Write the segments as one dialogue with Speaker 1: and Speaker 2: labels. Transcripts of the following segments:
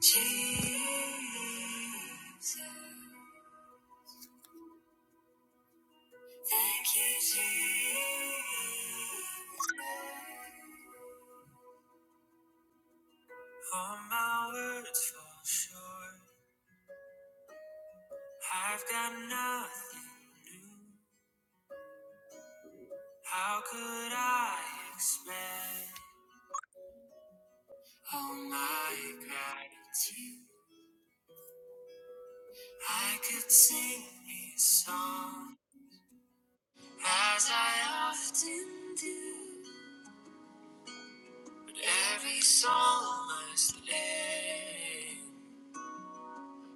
Speaker 1: Jesus, thank you, Jesus. All my words fall short. I've got nothing new. How could I expect all my gratitude? I could sing these songs as I often do, but every song must end.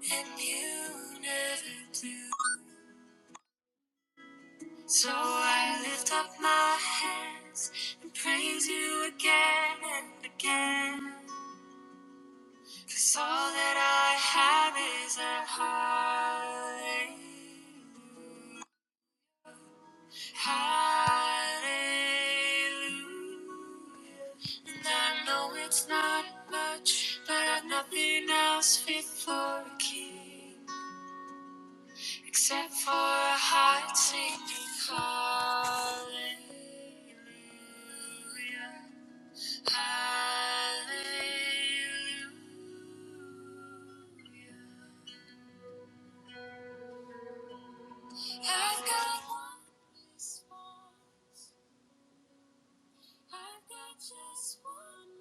Speaker 1: and you never do. So I lift up my hands and praise you again and again. 'Cause all that I have is a hallelujah. Hallelujah. And I know it's not much, but I've nothing else fit for a king. Except for a heart singing hallelujah, hallelujah. I've got one response. I've got just one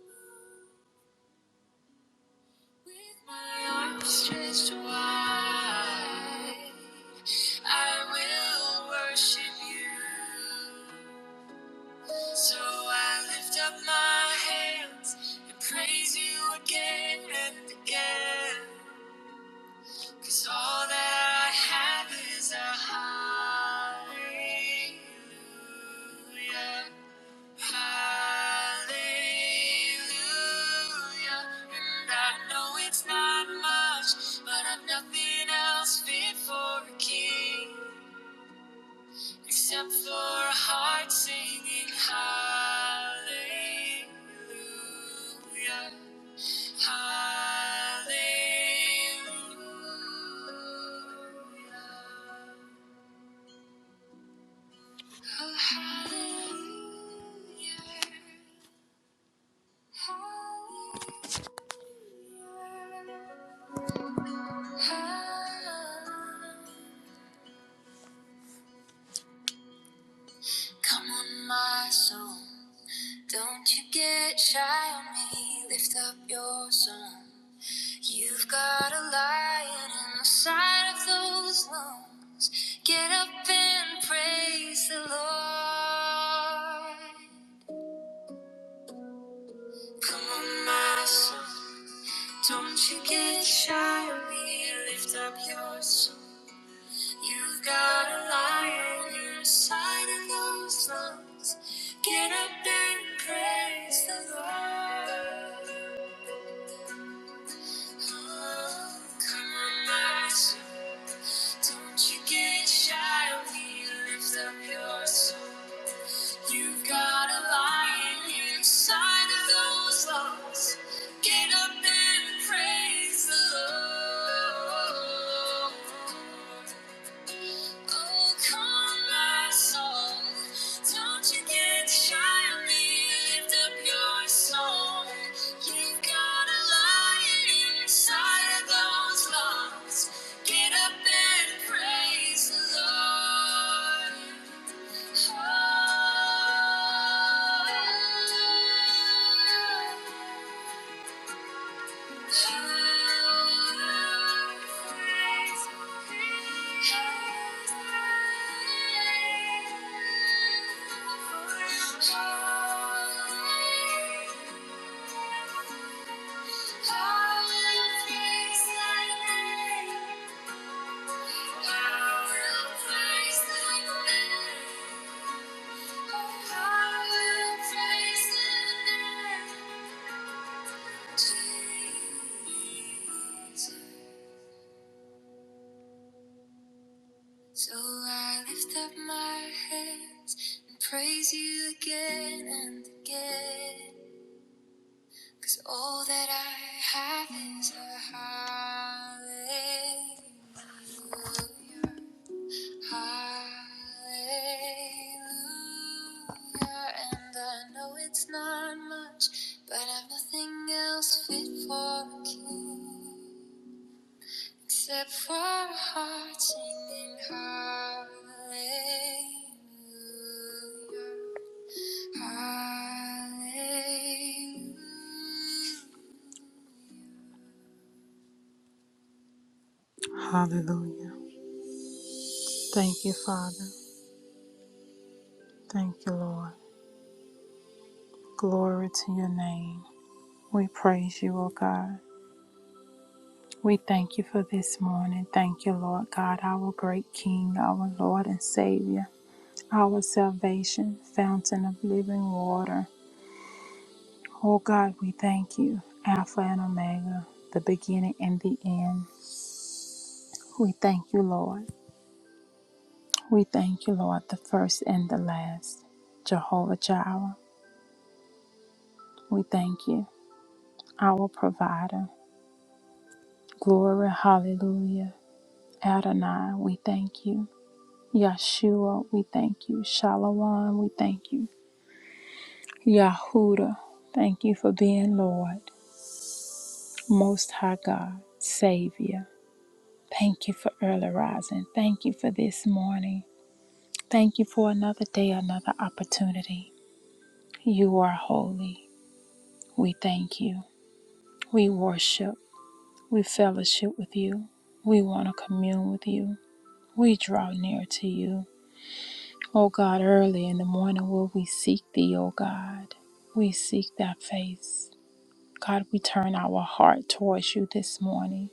Speaker 1: move. With my arms stretched wide, I will worship you. So I lift up my hands and praise you again and again. Cause all that I have is a hallelujah. Hallelujah. And I know it's not much, but I'm nothing else fit for a king. Except for a heart singing hallelujah, hallelujah, oh, hallelujah, hallelujah. hallelujah. Come on, my soul. Don't you get shy on me. Lift up your song. You've got a lion inside of those lungs. Get up and praise the Lord. Come on, my son, don't you get shy of me. Lift up your soul. You've got a lion inside of those lungs. Get up and praise the Lord. Oh, come on, my son. Don't you get shy lift up your soul. You've got a lion inside of those lungs. Get up and praise the Lord. Oh, come, my soul. Don't you get shy on me. Lift up your song. You've got a lion inside of those lungs. Get up and praise the Lord. Oh, Jesus. So I lift up my hands and praise you again and again. 'Cause all that I have is a hallelujah. Hallelujah. And I know it's not much, but I've nothing else fit for a king. Except for our hearts singing hallelujah, hallelujah. Hallelujah. Thank you, Father. Thank you, Lord. Glory to your name. We praise you, O God. We thank you for this morning. Thank you, Lord God, our great King, our Lord and Savior, our salvation, fountain of living water. Oh God, we thank you, Alpha and Omega, the beginning and the end. We thank you, Lord. We thank you, Lord, the first and the last. Jehovah Jireh, we thank you, our provider. Glory, hallelujah. Adonai, we thank you. Yeshua, we thank you. Shalom, we thank you. Yahuda, thank you for being Lord, Most High God, Savior. Thank you for early rising. Thank you for this morning. Thank you for another day, another opportunity. You are holy. We thank you. We worship. We fellowship with you. We want to commune with you. We draw near to you. O God, early in the morning will we seek thee, O God. We seek thy face. God, we turn our heart towards you this morning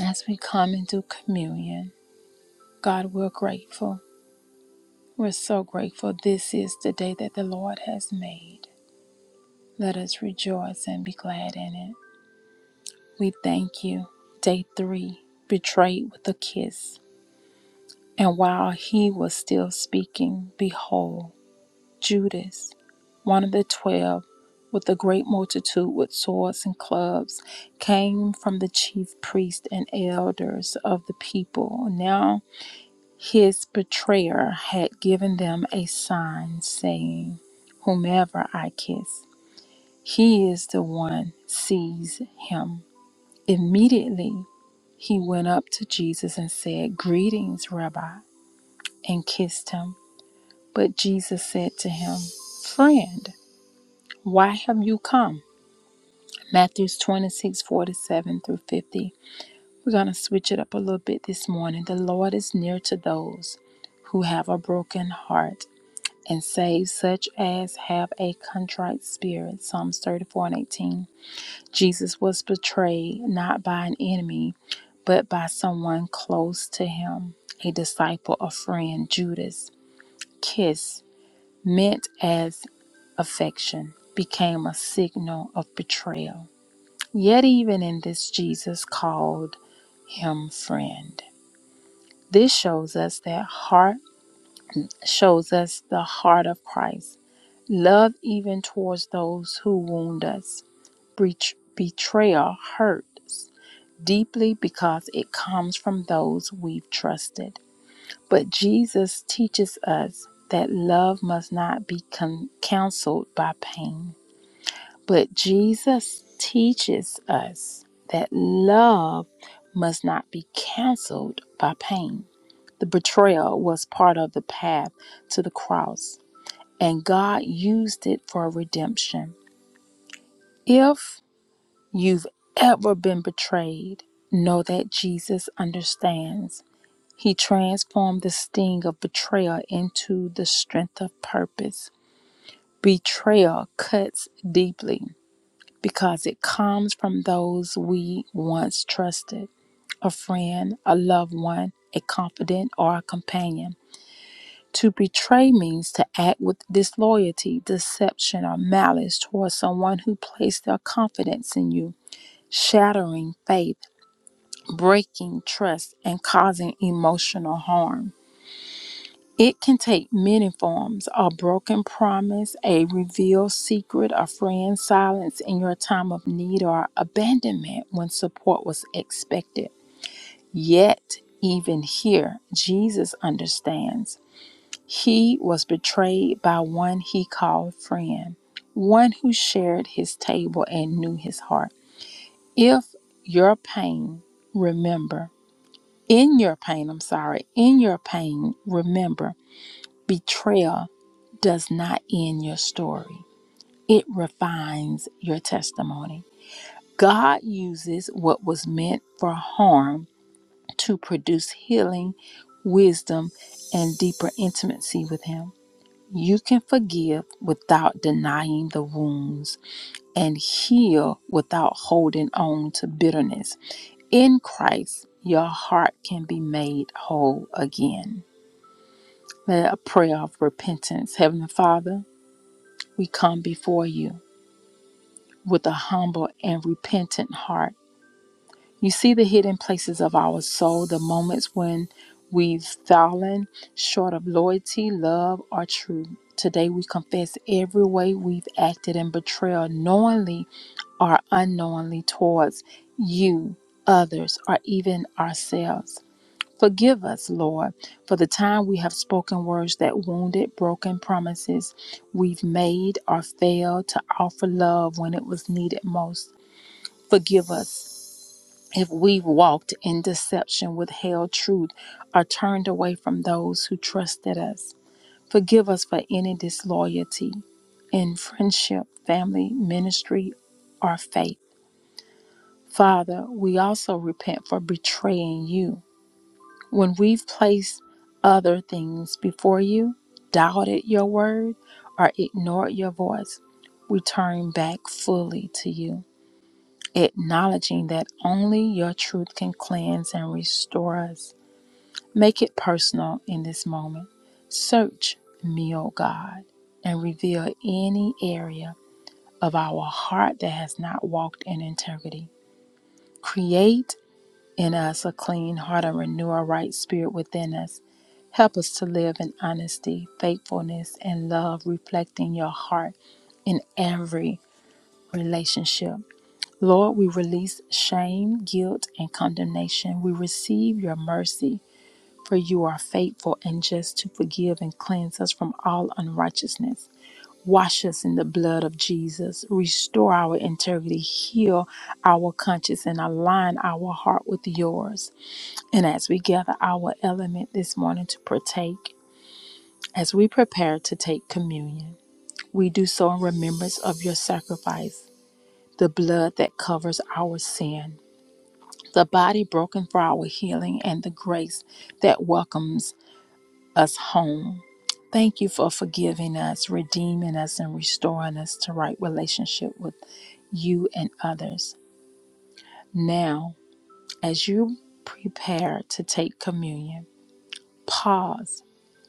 Speaker 1: as we come into communion. God, we're grateful. We're so grateful. This is the day that the Lord has made. Let us rejoice and be glad in it. We thank you. Day three, betrayed with a kiss. And while he was still speaking, behold, Judas, one of the twelve, with a great multitude with swords and clubs, came from the chief priests and elders of the people. Now his betrayer had given them a sign, saying, Whomever I kiss, he is the one, seize him. Immediately he went up to Jesus and said, Greetings, Rabbi, and kissed him. But Jesus said to him, Friend, why have you come? Matthew 26:47 through 50. We're going to switch it up a little bit this morning. The Lord is near to those who have a broken heart and save such as have a contrite spirit. Psalms 34 and 18. Jesus was betrayed not by an enemy, but by someone close to him, a disciple, a friend, Judas. Kiss, meant as affection, became a signal of betrayal. Yet, even in this, Jesus called him friend. This shows us that heart shows us the heart of Christ. Love even towards those who wound us. Betr- Betrayal hurts deeply because it comes from those we've trusted. But Jesus teaches us that love must not be con- counseled by pain. But Jesus teaches us that love must not be counseled by pain. The betrayal was part of the path to the cross, and God used it for redemption. If you've ever been betrayed, know that Jesus understands He transformed the sting of betrayal into the strength of purpose. Betrayal cuts deeply because it comes from those we once trusted a friend, a loved one, a confidant, or a companion. To betray means to act with disloyalty, deception, or malice towards someone who placed their confidence in you, shattering faith, breaking trust, and causing emotional harm. It can take many forms a broken promise, a revealed secret, a friend's silence in your time of need, or abandonment when support was expected. Yet, even here, Jesus understands. He was betrayed by one he called friend, one who shared his table and knew his heart. If your pain, remember, in your pain, I'm sorry, in your pain, remember. Betrayal does not end your story, it refines your testimony. God uses what was meant for harm to produce healing, wisdom, and deeper intimacy with Him. You can forgive without denying the wounds and heal without holding on to bitterness. In Christ, your heart can be made whole again. Let a prayer of repentance. Heavenly Father, we come before you with a humble and repentant heart. You see the hidden places of our soul, the moments when we've fallen short of loyalty, love, or truth. Today we confess every way we've acted in betrayal, knowingly or unknowingly, towards you, others, or even ourselves. Forgive us, Lord, for the time we have spoken words that wounded, broken promises we've made or failed to offer love when it was needed most. Forgive us if we've walked in deception, withheld truth, or turned away from those who trusted us. Forgive us for any disloyalty in friendship, family, ministry, or faith. Father, we also repent for betraying you when we've placed other things before you, doubted your word, or ignored your voice, we turn back fully to you, acknowledging that only your truth can cleanse and restore us. Make it personal in this moment. Search me, O God, and reveal any area of our heart that has not walked in integrity. Create in us a clean heart and renew a right spirit within us. Help us to live in honesty, faithfulness, and love, reflecting your heart in every relationship. Lord, we release shame, guilt, and condemnation. We receive your mercy, for you are faithful and just to forgive and cleanse us from all unrighteousness. Wash us in the blood of Jesus. Restore our integrity, heal our conscience, and align our heart with yours. And as we gather our element this morning to partake, as we prepare to take communion, we do so in remembrance of your sacrifice, the blood that covers our sin, the body broken for our healing, and the grace that welcomes us home. Thank you for forgiving us, redeeming us, and restoring us to right relationship with you and others. Now, as you prepare to take communion, pause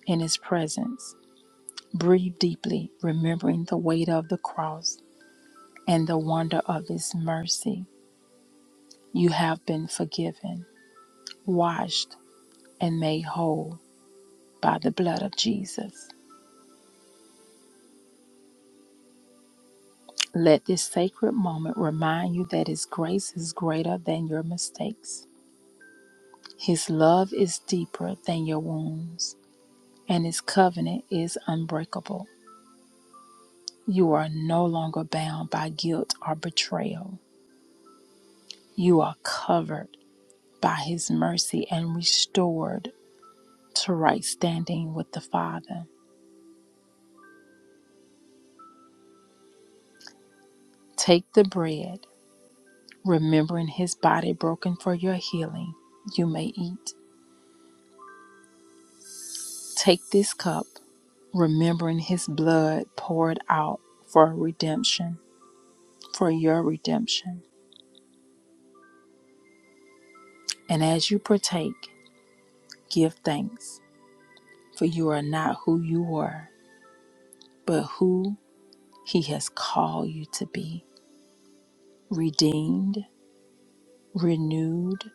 Speaker 1: in His presence Breathe deeply, remembering the weight of the cross and the wonder of His mercy. You have been forgiven, washed, and made whole by the blood of Jesus. Let this sacred moment remind you that His grace is greater than your mistakes, His love is deeper than your wounds, and His covenant is unbreakable. You are no longer bound by guilt or betrayal. You are covered by His mercy and restored to right standing with the Father. Take the bread, remembering his body broken for your healing, you may eat. Take this cup, remembering his blood poured out for redemption, for your redemption. And as you partake, give thanks, for you are not who you were, but who he has called you to be redeemed, renewed,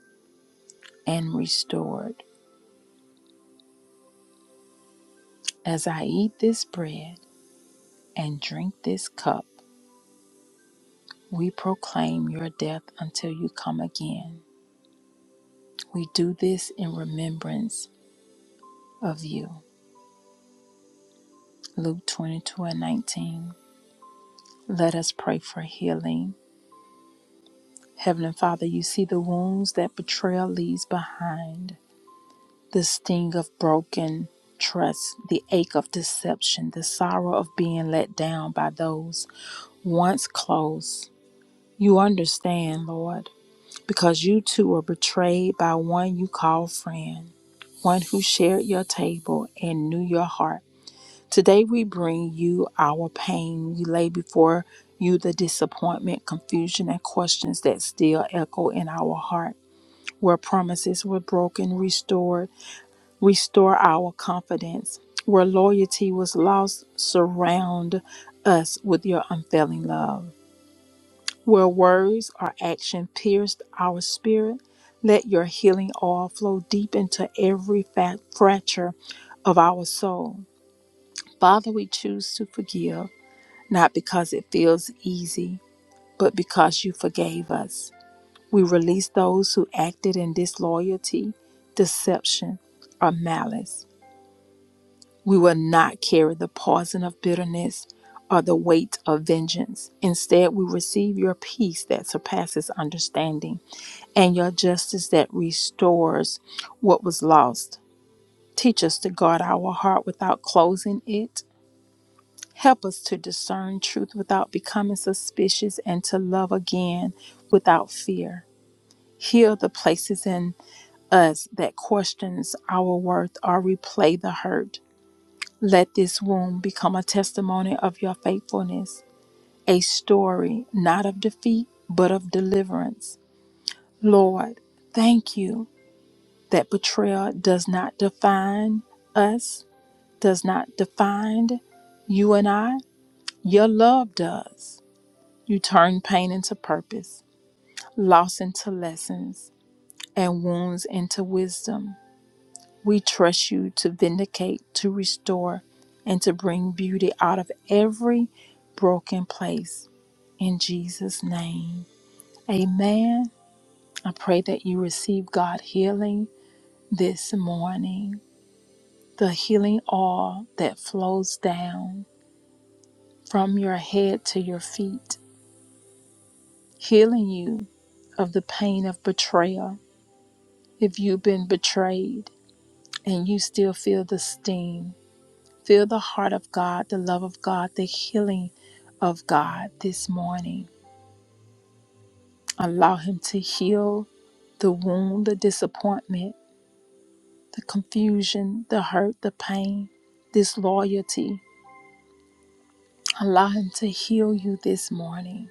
Speaker 1: and restored. As I eat this bread, and drink this cup, we proclaim your death until you come again. We do this in remembrance of you. Luke 22 and 19. Let us pray for healing. Heavenly Father, you see the wounds that betrayal leaves behind, the sting of broken trust, the ache of deception, the sorrow of being let down by those once close. You understand, Lord. because you too were betrayed by one you call friend, one who shared your table and knew your heart. Today we bring you our pain. We lay before you the disappointment, confusion, and questions that still echo in our heart. Where promises were broken, restored, restore our confidence. Where loyalty was lost, surround us with your unfailing love. Where words or action pierced our spirit, let your healing oil flow deep into every fat fracture of our soul. Father, we choose to forgive, not because it feels easy, but because you forgave us. We release those who acted in disloyalty, deception, or malice. We will not carry the poison of bitterness or the weight of vengeance. Instead, we receive your peace that surpasses understanding and your justice that restores what was lost. Teach us to guard our heart without closing it. Help us to discern truth without becoming suspicious and to love again without fear. Heal the places in us that questions our worth or replay the hurt. Let this wound become a testimony of your faithfulness, a story not of defeat, but of deliverance. Lord, thank you that betrayal does not define us, does not define you and I. Your love does. You turn pain into purpose, loss into lessons, and wounds into wisdom. We trust you to vindicate, to restore, and to bring beauty out of every broken place. In Jesus' name, amen. I pray that you receive God healing this morning. the healing oil that flows down from your head to your feet, healing you of the pain of betrayal. If you've been betrayed and you still feel the sting, feel the heart of God, the love of God, the healing of God this morning. Allow Him to heal the wound, the disappointment, the confusion, the hurt, the pain, disloyalty. Allow Him to heal you this morning.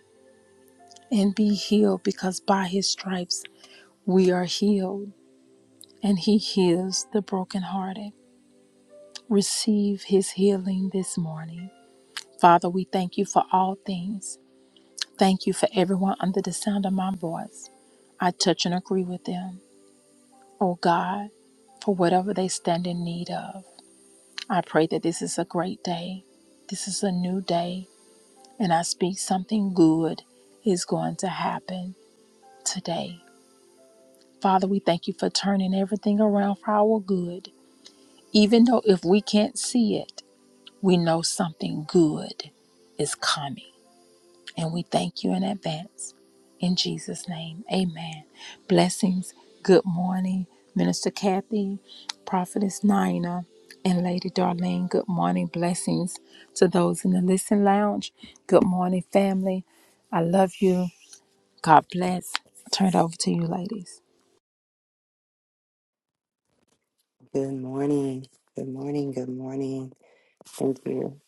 Speaker 1: and be healed because by his stripes we are healed and he heals the brokenhearted. Receive his healing this morning. Father, we thank you for all things. Thank you for everyone under the sound of my voice. I touch and agree with them. Oh God, for whatever they stand in need of. I pray that this is a great day. This is a new day, and I speak something good is going to happen today. Father, we thank you for turning everything around for our good. Even though if we can't see it, we know something good is coming. And we thank you in advance. In Jesus' name, amen. Blessings. Good morning, Minister Kathy, Prophetess Nina, and Lady Darlene. Good morning. Blessings to those in the Listen Lounge. Good morning, family. I love you. God bless. Turn it over to you, ladies.
Speaker 2: Good morning. Good morning. Good morning. Thank you,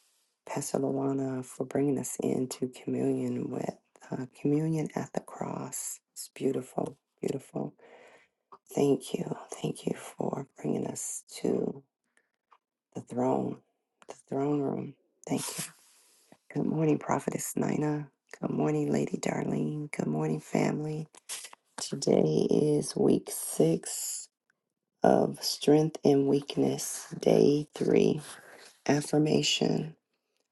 Speaker 2: Pastor Luana, for bringing us into communion with uh, communion at the cross. It's beautiful. Beautiful. Thank you. Thank you for bringing us to the throne, the throne room. Thank you. Good morning, Prophetess Nina. Good morning, Lady Darlene. Good morning, family. Today is week six of Strength and Weakness, day three affirmation.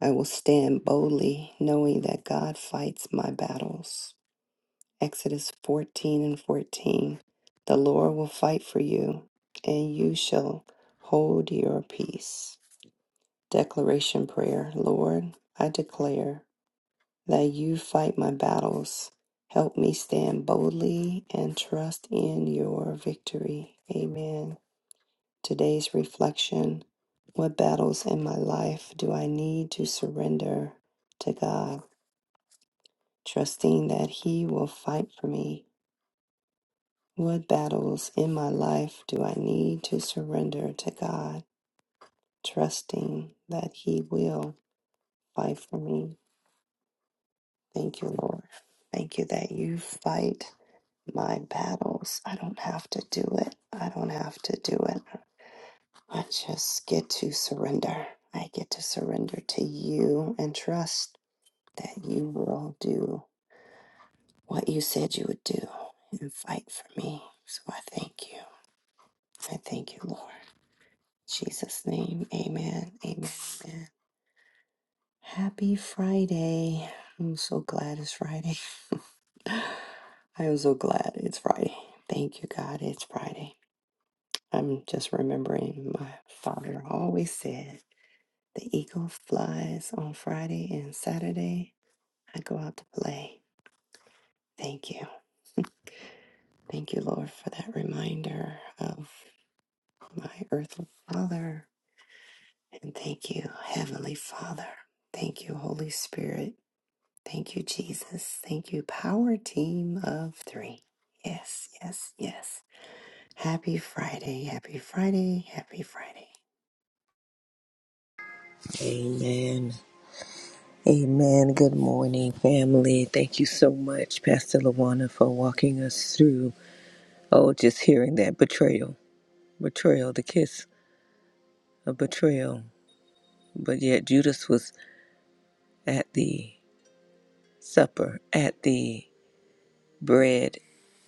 Speaker 2: I will stand boldly, knowing that God fights my battles. Exodus 14 and 14. The Lord will fight for you, and you shall hold your peace. Declaration Prayer Lord, I declare that you fight my battles. Help me stand boldly and trust in your victory. Amen. Today's reflection What battles in my life do I need to surrender to God? trusting that He will fight for me. What battles in my life do I need to surrender to God, trusting that He will fight for me? Thank you, Lord. Thank you that you fight my battles. I don't have to do it. I don't have to do it. I just get to surrender. I get to surrender to you and trust that you will do what you said you would do and fight for me. So I thank you. I thank you, Lord. In Jesus' name, amen, amen, amen. Happy Friday. I'm so glad it's Friday. I am so glad it's Friday. Thank you, God, it's Friday. I'm just remembering my father always said, the eagle flies on Friday and Saturday. I go out to play. Thank you. Thank you, Lord, for that reminder of my earthly father. And thank you, Heavenly Father. Thank you, Holy Spirit Thank you, Jesus. Thank you, power team of three. Yes, yes, yes. Happy Friday. Happy Friday. Happy Friday.
Speaker 3: Amen. Amen. Good morning, family. Thank you so much, Pastor Lawana, for walking us through. Oh, just hearing that betrayal, betrayal, the kiss of betrayal. But yet, Judas was at the supper, at the bread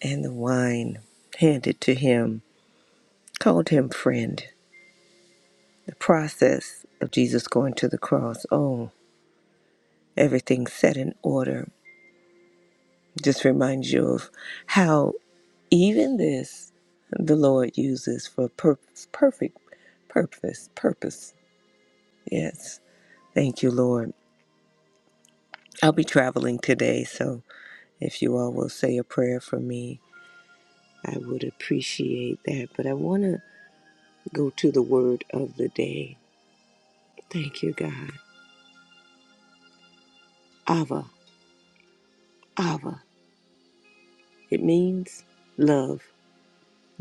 Speaker 3: and the wine handed to him, called him friend. The process of Jesus going to the cross. Oh, everything set in order just reminds you of how even this the Lord uses for purpose, perfect purpose, purpose. Yes. Thank you, Lord. I'll be traveling today, so if you all will say a prayer for me, I would appreciate that. But I want to go to the word of the day. Thank you, God. Ava, Ava. It means love,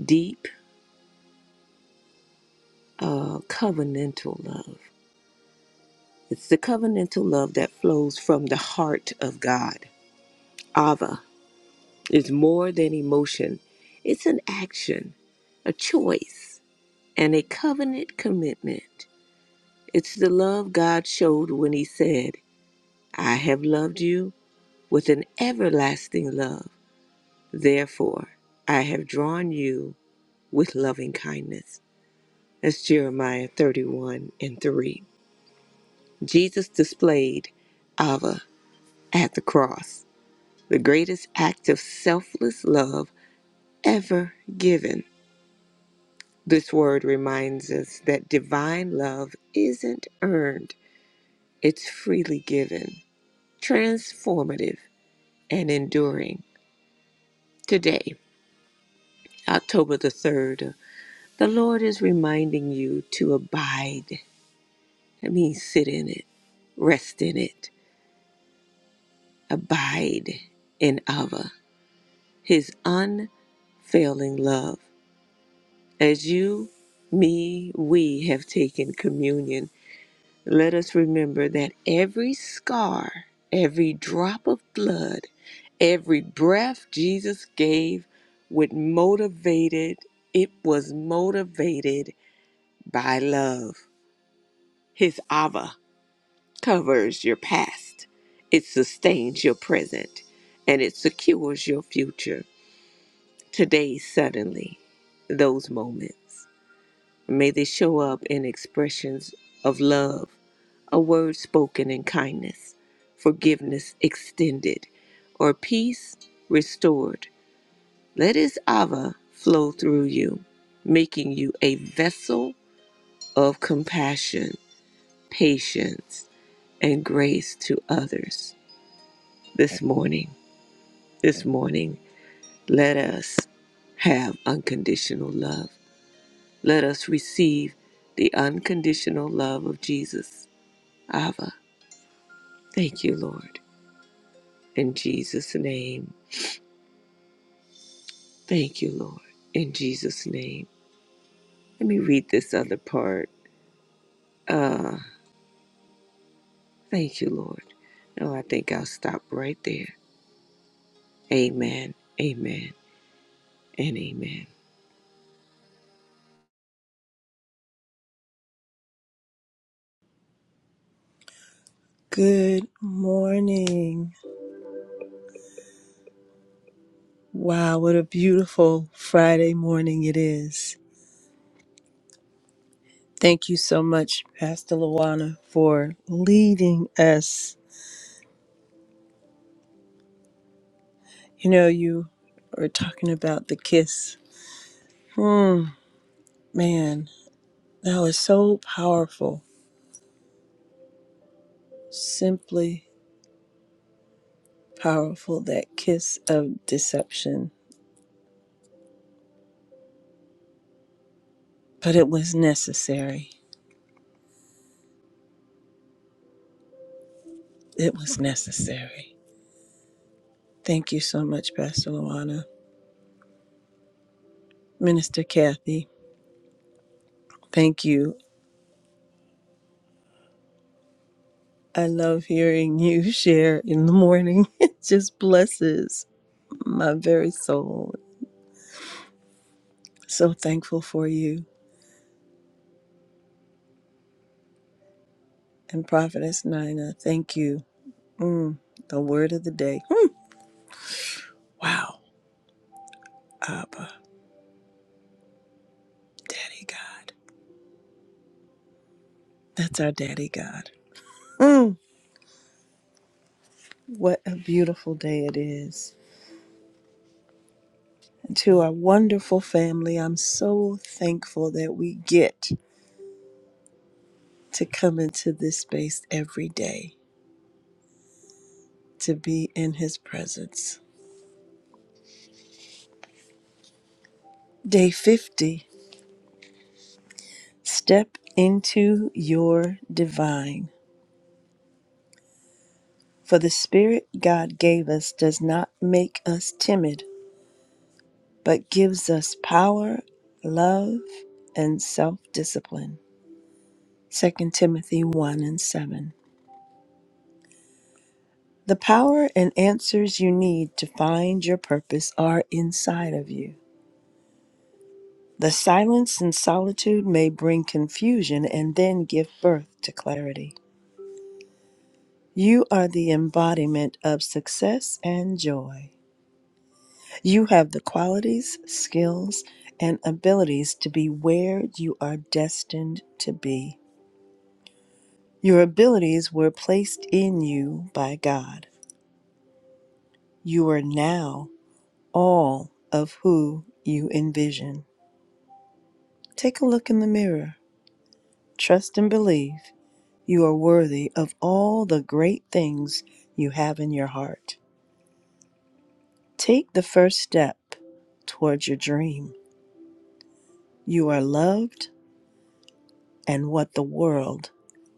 Speaker 3: deep, uh, covenantal love. It's the covenantal love that flows from the heart of God. Ava is more than emotion, it's an action, a choice, and a covenant commitment. It's the love God showed when He said, I have loved you with an everlasting love. Therefore, I have drawn you with loving kindness. That's Jeremiah 31 and 3. Jesus displayed Ava at the cross. the greatest act of selfless love ever given. This word reminds us that divine love isn't earned, it's freely given, transformative, and enduring. Today, October the 3rd, the Lord is reminding you to abide. That means sit in it, rest in it, abide in Ava, His unfailing love. As you, me, we have taken communion, let us remember that every scar, every drop of blood, every breath Jesus gave would motivated, it was motivated by love. His Abba covers your past, it sustains your present, and it secures your future. Today, suddenly, those moments. May they show up in expressions of love, a word spoken in kindness, forgiveness extended, or peace restored. Let his Ava flow through you, making you a vessel of compassion, patience, and grace to others. This morning, this morning, let us have unconditional love. Let us receive the unconditional love of Jesus. Ava. Thank you, Lord. In Jesus' name. Thank you, Lord. In Jesus' name. Let me read this other part. Uh, thank you, Lord. No, I think I'll stop right there. Amen. Amen. And amen.
Speaker 4: Good morning. Wow, what a beautiful Friday morning it is. Thank you so much, Pastor Luana, for leading us. You know, you were talking about the kiss. Hmm, man, that was so powerful. Simply powerful, that kiss of deception. But it was necessary. It was necessary. Thank you so much, Pastor Luana. Minister Kathy, thank you I love hearing you share in the morning. It just blesses my very soul. So thankful for you. And Prophetess Nina, thank you. Mm, the word of the day. Mm, wow. Abba, Daddy God. That's our Daddy God. Mm, what a beautiful day it is. And to our wonderful family, I'm so thankful that we get to come into this space every day to be in His presence. Day 50 Step into your divine. For the Spirit God gave us does not make us timid, but gives us power, love, and self discipline. Second Timothy 1 and 7. The power and answers you need to find your purpose are inside of you. The silence and solitude may bring confusion and then give birth to clarity. You are the embodiment of success and joy. You have the qualities, skills, and abilities to be where you are destined to be. Your abilities were placed in you by God. You are now all of who you envision. Take a look in the mirror. Trust and believe you are worthy of all the great things you have in your heart. Take the first step towards your dream. You are loved and what the world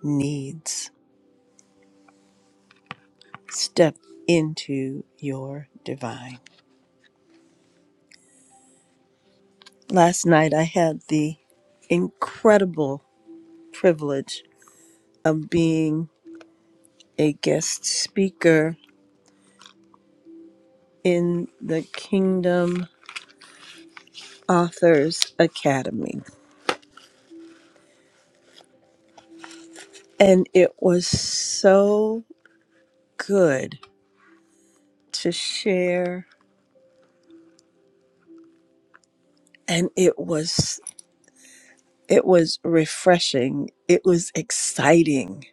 Speaker 4: needs. step into your divine. Last night, I had the incredible privilege of being a guest speaker in the Kingdom Authors Academy. And it was so good to share and it was it was refreshing. It was exciting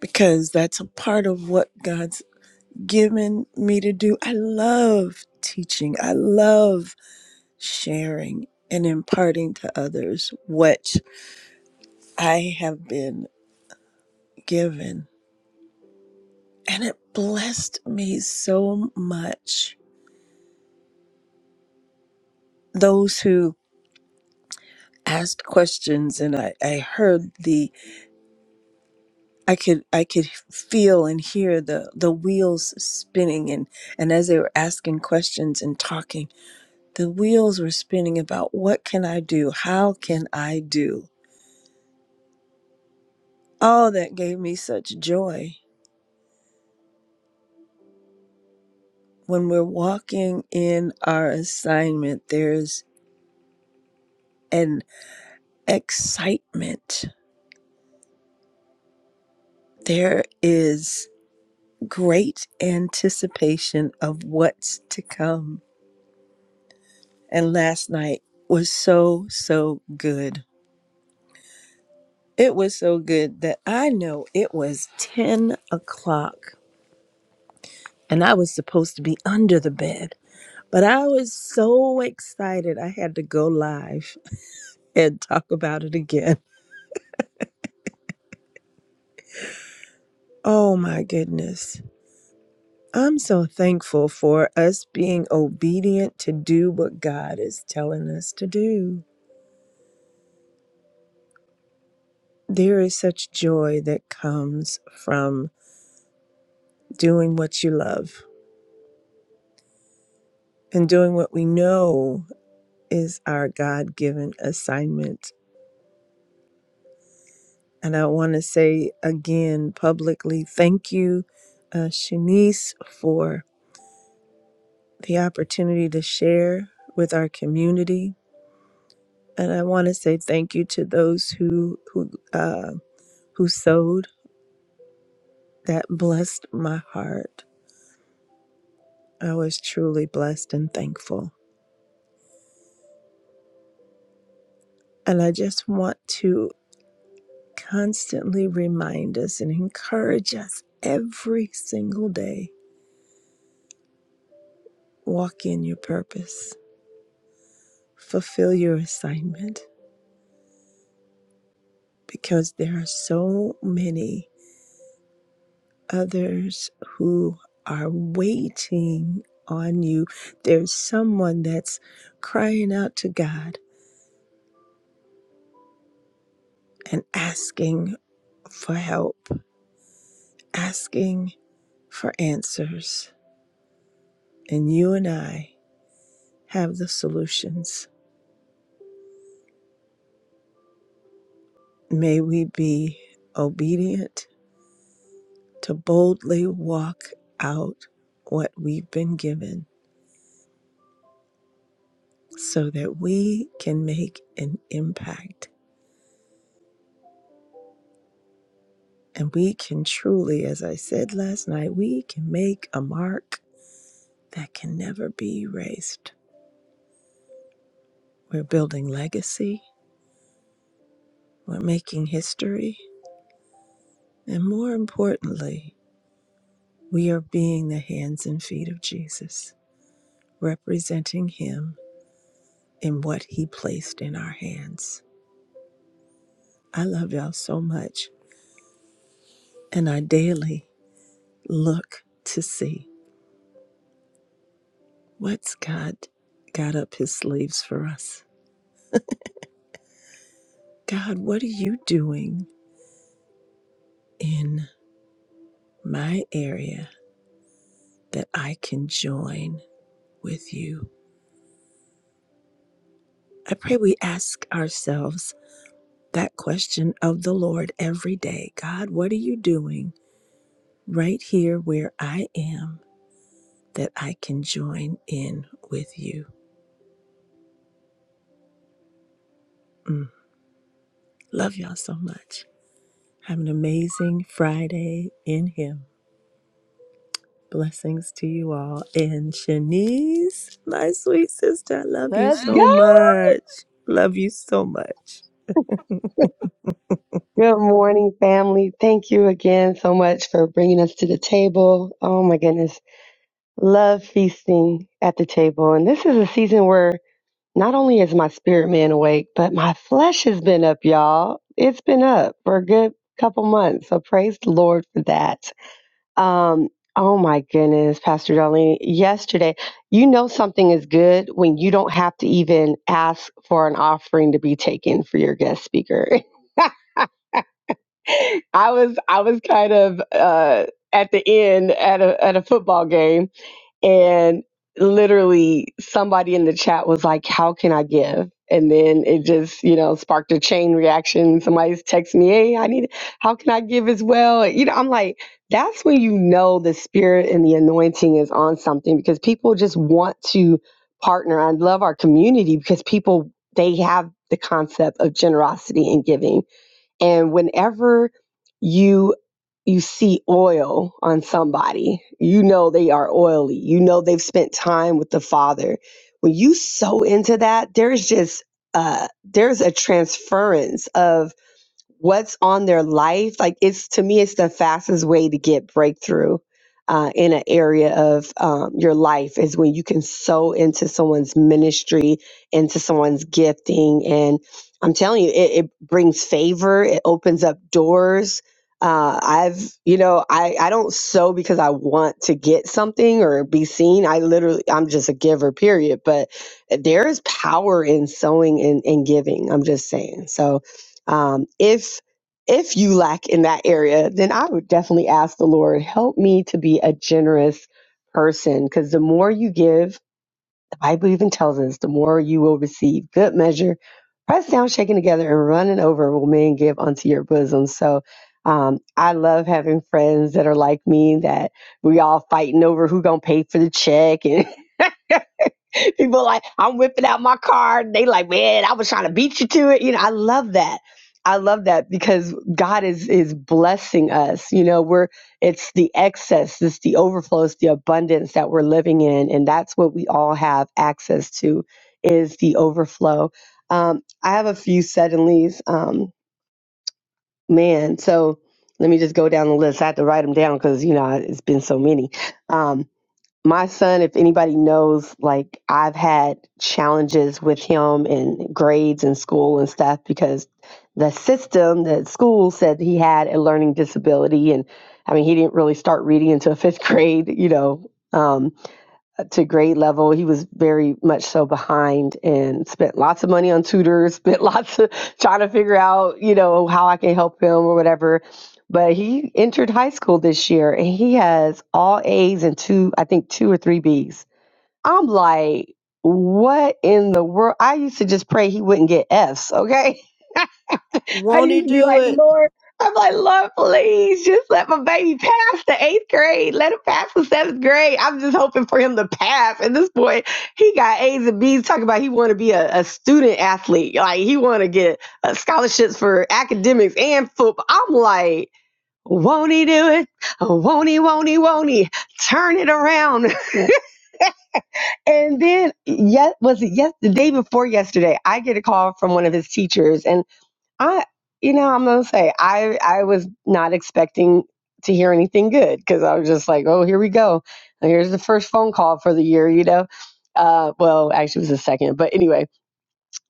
Speaker 4: because that's a part of what God's given me to do. I love teaching, I love sharing and imparting to others what I have been given. And it blessed me so much. Those who asked questions and I, I heard the I could I could feel and hear the the wheels spinning and and as they were asking questions and talking the wheels were spinning about what can I do how can I do All that gave me such joy. When we're walking in our assignment, there's an excitement, there is great anticipation of what's to come. And last night was so, so good. It was so good that I know it was 10 o'clock and I was supposed to be under the bed. But I was so excited, I had to go live and talk about it again. Oh my goodness. I'm so thankful for us being obedient to do what God is telling us to do. There is such joy that comes from doing what you love and doing what we know is our God given assignment. And I want to say again publicly thank you, uh, Shanice, for the opportunity to share with our community and I want to say thank you to those who who uh, who sowed that blessed my heart. I was truly blessed and thankful, and I just want to constantly remind us and encourage us every single day: walk in your purpose, fulfill your assignment, because there are so many. others who are waiting on you. There's someone that's crying out to God and asking for help, asking for answers. And you and I have the solutions. May we be obedient to boldly walk out what we've been given so that we can make an impact And we can truly, as I said last night, we can make a mark that can never be erased. We're building legacy, we're making history, and more importantly, we are being the hands and feet of Jesus, representing Him in what He placed in our hands. I love y'all so much, and I daily look to see what's God got up His sleeves for us. God, what are you doing? in? my area that I can join with you. I pray we ask ourselves that question of the Lord every day God, what are you doing right here where I am that I can join in with you? Mm. Love y'all so much. Have an amazing Friday in Him. Blessings to you all. And Shanice, my sweet sister, I love you
Speaker 5: Let's
Speaker 4: so
Speaker 5: go.
Speaker 4: much. Love you so much.
Speaker 5: Good morning, family. Thank you again so much for bringing us to the table. Oh my goodness. Love feasting at the table. And this is a season where not only is my spirit man awake, but my flesh has been up, y'all. It's been up for a good couple months. So praise the Lord for that. Um, oh my goodness, Pastor Darlene. Yesterday, you know something is good when you don't have to even ask for an offering to be taken for your guest speaker. I was I was kind of uh, at the end at a at a football game, and literally somebody in the chat was like, "How can I give?" And then it just you know sparked a chain reaction. Somebody's texting me, "Hey, I need how can I give as well?" You know, I'm like, that's when you know the spirit and the anointing is on something because people just want to partner. I love our community because people they have the concept of generosity and giving and whenever you you see oil on somebody you know they are oily you know they've spent time with the father when you sow into that there's just uh there's a transference of what's on their life like it's to me it's the fastest way to get breakthrough uh, in an area of um, your life is when you can sow into someone's ministry into someone's gifting and i'm telling you it, it brings favor it opens up doors uh, i've you know I, I don't sow because i want to get something or be seen i literally i'm just a giver period but eh, there is power in sowing and, and giving i'm just saying so um, if if you lack in that area then i would definitely ask the lord help me to be a generous person because the more you give the bible even tells us the more you will receive good measure pressed down shaken together and running over will men give unto your bosom so um, i love having friends that are like me that we all fighting over who gonna pay for the check and. People like, I'm whipping out my card. They like, man, I was trying to beat you to it. You know, I love that. I love that because God is is blessing us. You know, we're it's the excess, it's the overflow, it's the abundance that we're living in, and that's what we all have access to is the overflow. Um, I have a few suddenlies, um, man. So let me just go down the list. I have to write them down because you know it's been so many. Um, my son, if anybody knows, like I've had challenges with him in grades and school and stuff because the system, the school said he had a learning disability. And I mean, he didn't really start reading until fifth grade, you know. Um, to grade level. He was very much so behind and spent lots of money on tutors, spent lots of trying to figure out, you know, how I can help him or whatever. But he entered high school this year and he has all A's and two, I think two or three B's. I'm like, what in the world? I used to just pray he wouldn't get F's, okay? I used to be
Speaker 4: Do
Speaker 5: like,
Speaker 4: it.
Speaker 5: Lord, I'm like, Lord, please just let my baby pass the eighth grade. Let him pass the seventh grade. I'm just hoping for him to pass. At this point, he got A's and B's talking about he want to be a, a student athlete. Like he want to get uh, scholarships for academics and football. I'm like, won't he do it? Won't he, won't he, won't he? Turn it around. And then, yes, was it yes the day before yesterday? I get a call from one of his teachers, and I, you know, I'm gonna say I I was not expecting to hear anything good because I was just like, oh, here we go. Here's the first phone call for the year, you know. Uh, well, actually, it was the second, but anyway.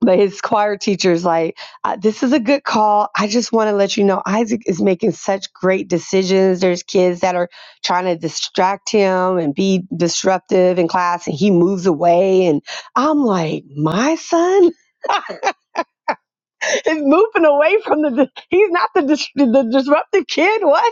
Speaker 5: But his choir teacher's like, uh, this is a good call. I just want to let you know Isaac is making such great decisions. There's kids that are trying to distract him and be disruptive in class, and he moves away. And I'm like, my son. is moving away from the. He's not the dis- the disruptive kid. What?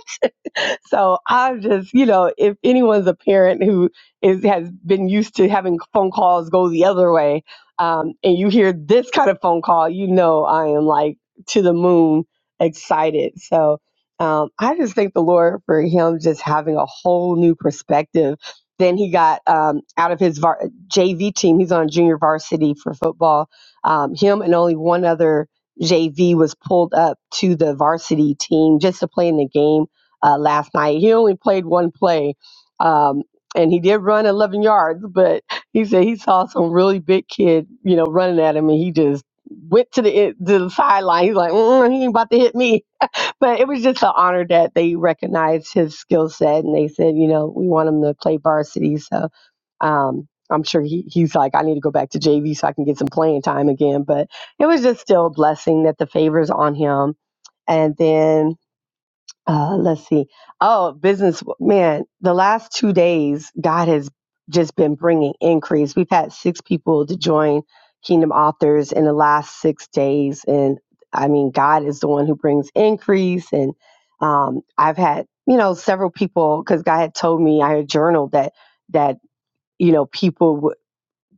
Speaker 5: so I'm just, you know, if anyone's a parent who is has been used to having phone calls go the other way, um, and you hear this kind of phone call, you know, I am like to the moon excited. So um, I just thank the Lord for him just having a whole new perspective. Then he got um, out of his var- JV team. He's on junior varsity for football. Um, him and only one other JV was pulled up to the varsity team just to play in the game uh, last night. He only played one play, um, and he did run 11 yards, but he said he saw some really big kid, you know, running at him, and he just went to the to the sideline. He's like, mm, he ain't about to hit me. But it was just an honor that they recognized his skill set, and they said, you know, we want him to play varsity. So um, I'm sure he, he's like, I need to go back to JV so I can get some playing time again. But it was just still a blessing that the favors on him. And then uh, let's see. Oh, business man, the last two days, God has just been bringing increase. We've had six people to join Kingdom Authors in the last six days. And I mean, God is the one who brings increase. And um, I've had, you know, several people, because God had told me I had journaled that, that, you know, people would.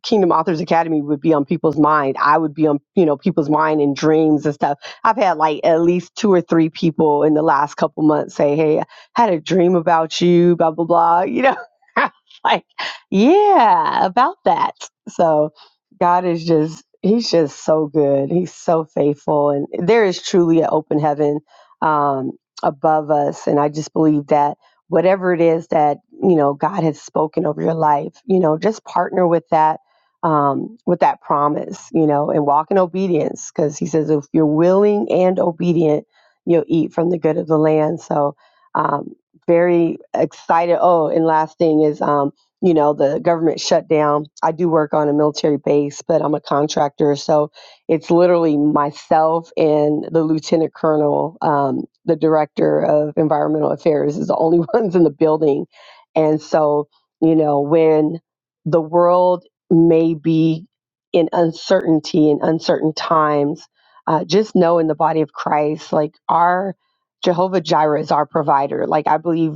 Speaker 5: Kingdom Authors Academy would be on people's mind. I would be on, you know, people's mind and dreams and stuff. I've had like at least two or three people in the last couple months say, Hey, I had a dream about you, blah, blah, blah. You know, I was like, yeah, about that. So God is just, He's just so good. He's so faithful. And there is truly an open heaven um, above us. And I just believe that whatever it is that you know god has spoken over your life you know just partner with that um, with that promise, you know, and walk in obedience because he says, if you're willing and obedient, you'll eat from the good of the land. So, um, very excited. Oh, and last thing is, um, you know, the government shutdown. I do work on a military base, but I'm a contractor. So it's literally myself and the lieutenant colonel, um, the director of environmental affairs, is the only ones in the building. And so, you know, when the world may be in uncertainty and uncertain times, uh, just know in the body of Christ, like our Jehovah Jireh is our provider. Like I believe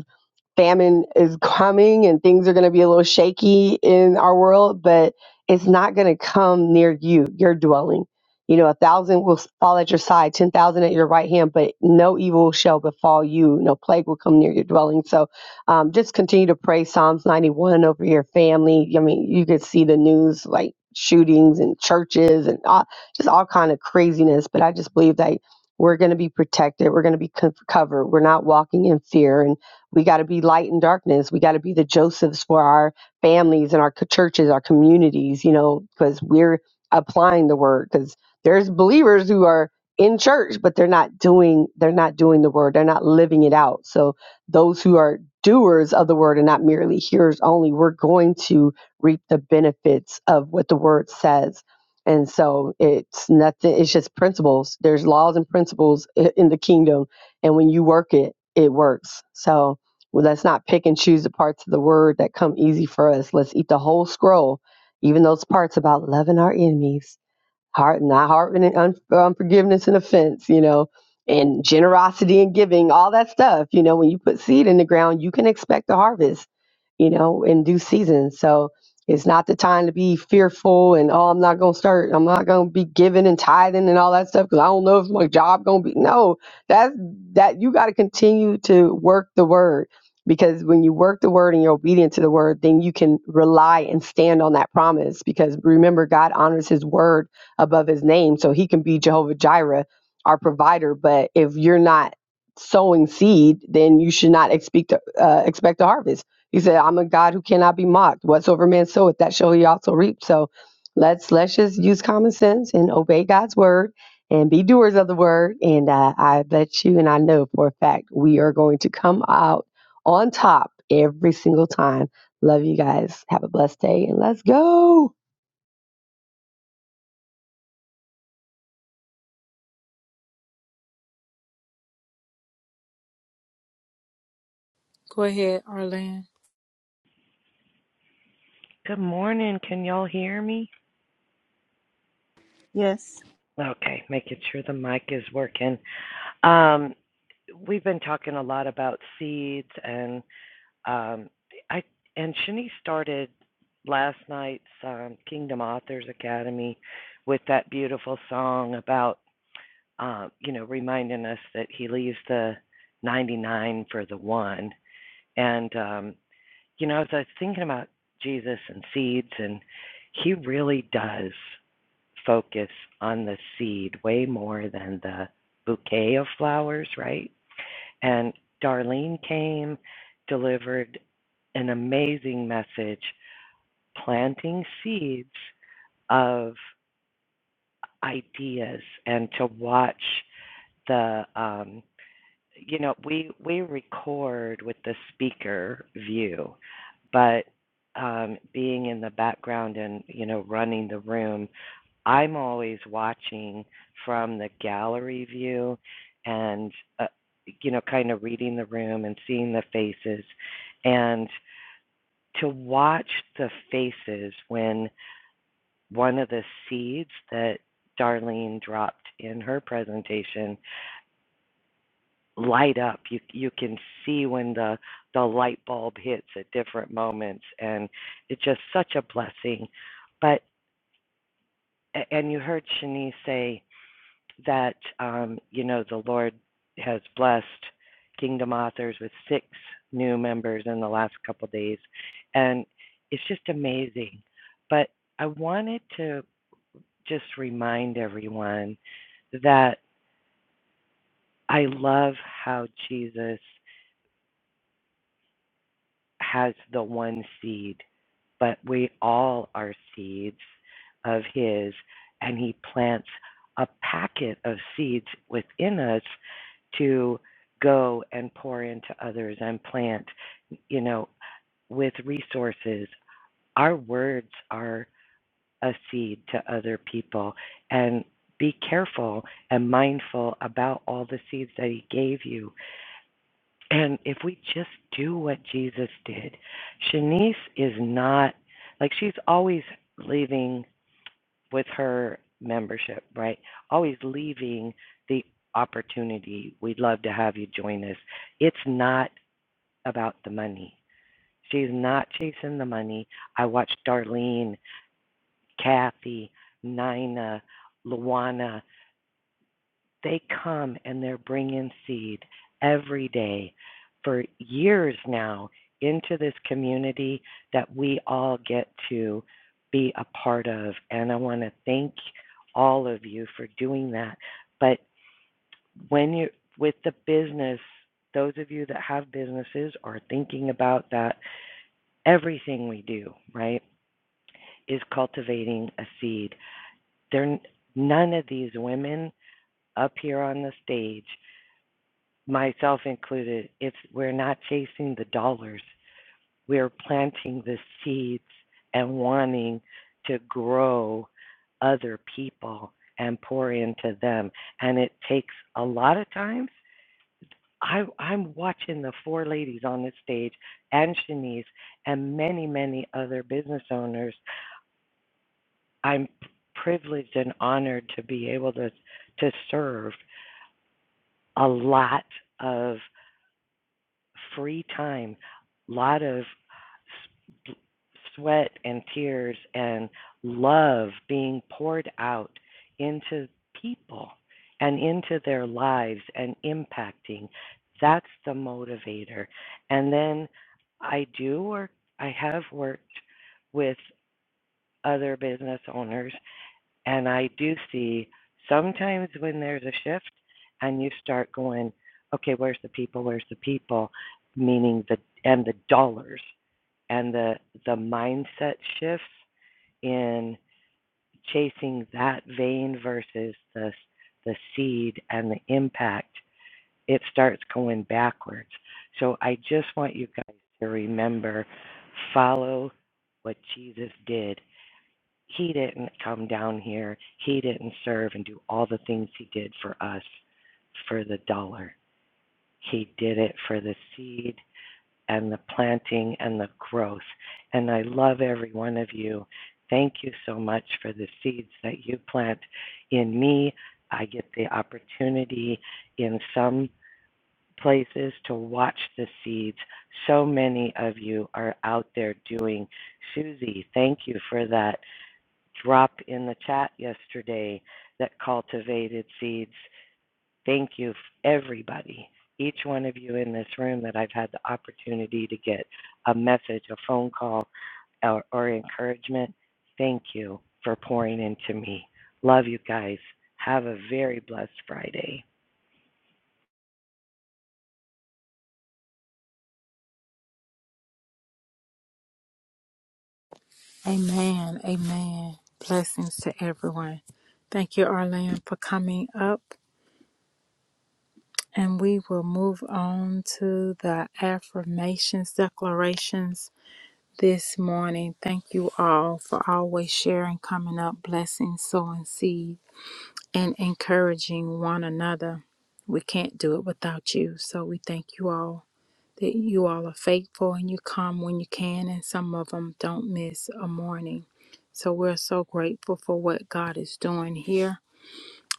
Speaker 5: famine is coming and things are going to be a little shaky in our world, but it's not going to come near you, your dwelling. You know, a thousand will fall at your side, 10,000 at your right hand, but no evil shall befall you. No plague will come near your dwelling. So um, just continue to pray Psalms 91 over your family. I mean, you could see the news like shootings and churches and all, just all kind of craziness. But I just believe that we're going to be protected. We're going to be co- covered. We're not walking in fear. And we got to be light in darkness. We got to be the Josephs for our families and our co- churches, our communities, you know, because we're applying the word. Because there's believers who are in church, but they're not doing they're not doing the word. They're not living it out. So those who are doers of the word and not merely hearers only, we're going to reap the benefits of what the word says. And so it's nothing. It's just principles. There's laws and principles i- in the kingdom, and when you work it, it works. So well, let's not pick and choose the parts of the word that come easy for us. Let's eat the whole scroll, even those parts about loving our enemies heart not harboring and un, unforgiveness and offense you know and generosity and giving all that stuff you know when you put seed in the ground you can expect a harvest you know in due season so it's not the time to be fearful and oh i'm not going to start i'm not going to be giving and tithing and all that stuff because i don't know if my job going to be no that's that you got to continue to work the word because when you work the word and you're obedient to the word then you can rely and stand on that promise because remember god honors his word above his name. So he can be Jehovah Jireh, our provider. But if you're not sowing seed, then you should not expect to, uh, expect a harvest. He said, "I'm a God who cannot be mocked. Whatsoever man soweth, that shall he also reap." So let's let's just use common sense and obey God's word and be doers of the word. And uh, I bet you, and I know for a fact, we are going to come out on top every single time. Love you guys. Have a blessed day, and let's go.
Speaker 1: Go ahead, Arlene.
Speaker 6: Good morning. Can y'all hear me?
Speaker 4: Yes.
Speaker 6: Okay, making sure the mic is working. Um, we've been talking a lot about seeds, and um, I and Shani started last night's um, Kingdom Authors Academy with that beautiful song about um, you know reminding us that He leaves the 99 for the one. And um, you know, as I was thinking about Jesus and seeds, and He really does. focus on the seed way more than the bouquet of flowers, right? And Darlene came, delivered an amazing message, planting seeds of ideas and to watch the um, you know, we we record with the speaker view, but um, being in the background and you know running the room, I'm always watching from the gallery view, and uh, you know, kind of reading the room and seeing the faces, and to watch the faces when one of the seeds that Darlene dropped in her presentation light up. You you can see when the the light bulb hits at different moments, and it's just such a blessing. But and you heard Shanice say that um, you know the Lord has blessed Kingdom Authors with six new members in the last couple of days, and it's just amazing. But I wanted to just remind everyone that I love how Jesus has the one seed, but we all are seeds of His, and He plants a packet of seeds within us to go and pour into others and plant, you know, with resources. Our words are a seed to other people, and be careful and mindful about all the seeds that He gave you and if we just do what Jesus did, Shanice is not like she's always leaving with her membership, right? Always leaving the opportunity. We'd love to have you join us. It's not about the money. She's not chasing the money. I watched Darlene, Kathy, Nina, Luana They come and they're bringing seed every day for years now into this community that we all get to be a part of. And I want to thank all of you for doing that. But when you with the business, those of you that have businesses are thinking about that. Everything we do, right, is cultivating a seed. There, none of these women up here on the stage myself included, if we're not chasing the dollars, we're planting the seeds and wanting to grow other people and pour into them. And it takes a lot of times. I, I'm watching the four ladies on the stage and Shanice and many, many other business owners. I'm privileged and honored to be able to to serve a lot of. free time, a lot of sweat and tears and love being poured out into people and into their lives and impacting. That's the motivator. And then I do work, I have worked with other business owners and I do see sometimes when there's a shift and you start going, okay, where's the people? Where's the people? Meaning the and the dollars and the the mindset shifts in chasing that vein versus the the seed and the impact. It starts going backwards. So I just want you guys to remember, follow what Jesus did he didn't come down here. He didn't serve and do all the things he did for us for the dollar. He did it for the seed and the planting and the growth. And I love every one of you. Thank you so much for the seeds that you plant in me. I get the opportunity in some places to watch the seeds. So many of you are out there doing. Susie, thank you for that drop in the chat yesterday that cultivated seeds. Thank you, everybody, each one of you in this room that I've had the opportunity to get a message, a phone call, or, or encouragement. Thank you for pouring into me. Love you guys. Have a very blessed Friday.
Speaker 1: Amen. Amen. Blessings to everyone. Thank you, Arlene, for coming up. And we will move on to the affirmations, declarations this morning. Thank you all for always sharing, coming up, blessing, sowing seed, and encouraging one another. We can't do it without you. So we thank you all that you all are faithful and you come when you can, and some of them don't miss a morning. So we're so grateful for what God is doing here,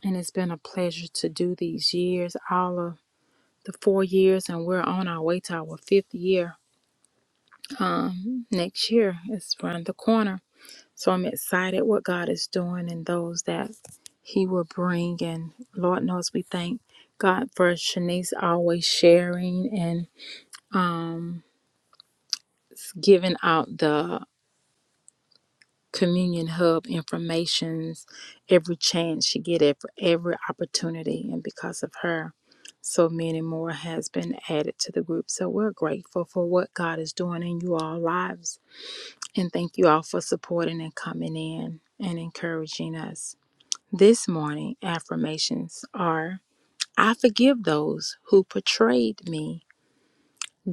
Speaker 1: and it's been a pleasure to do these years, all of the four years, and we're on our way to our fifth year next year. It's around the corner. So I'm excited what God is doing and those that He will bring. And Lord knows we thank God for Shanice always sharing and giving out the communion hub informations every chance she get it for every opportunity and because of her so many more has been added to the group so we're grateful for what god is doing in you all lives and thank you all for supporting and coming in and encouraging us this morning affirmations are i forgive those who betrayed me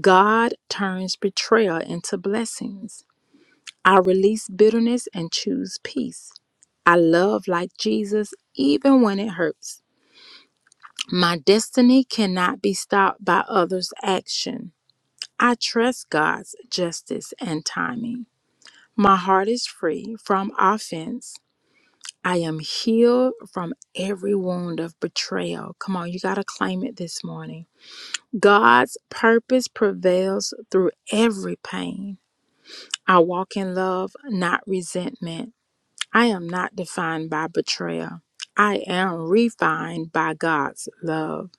Speaker 1: god turns betrayal into blessings I release bitterness and choose peace. I love like Jesus even when it hurts. My destiny cannot be stopped by others' action. I trust God's justice and timing. My heart is free from offense. I am healed from every wound of betrayal. Come on, you got to claim it this morning. God's purpose prevails through every pain. I walk in love, not resentment. I am not defined by betrayal. I am refined by God's love.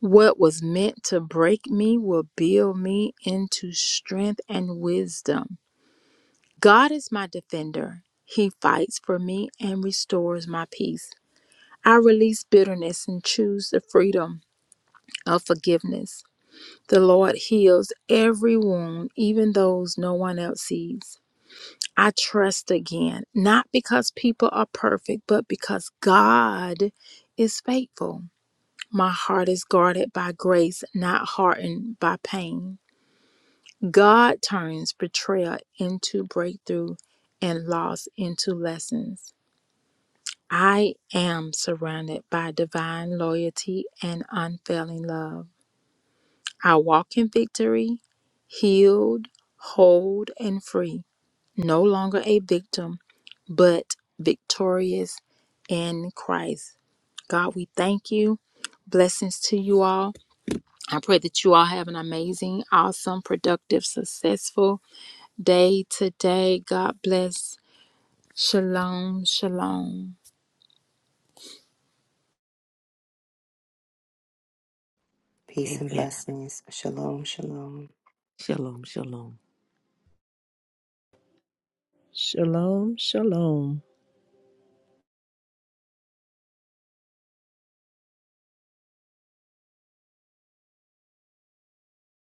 Speaker 1: What was meant to break me will build me into strength and wisdom. God is my defender. He fights for me and restores my peace. I release bitterness and choose the freedom of forgiveness. The Lord heals every wound, even those no one else sees. I trust again, not because people are perfect, but because God is faithful. My heart is guarded by grace, not hardened by pain. God turns betrayal into breakthrough and loss into lessons. I am surrounded by divine loyalty and unfailing love. I walk in victory, healed, whole, and free. no longer a victim, but victorious in Christ. God, we thank you. Blessings to you all. I pray that you all have an amazing, awesome, productive, successful day today. God bless. Shalom, shalom.
Speaker 2: Peace and
Speaker 3: Amen.
Speaker 2: blessings. Shalom, shalom.
Speaker 3: Shalom, shalom.
Speaker 4: Shalom, shalom.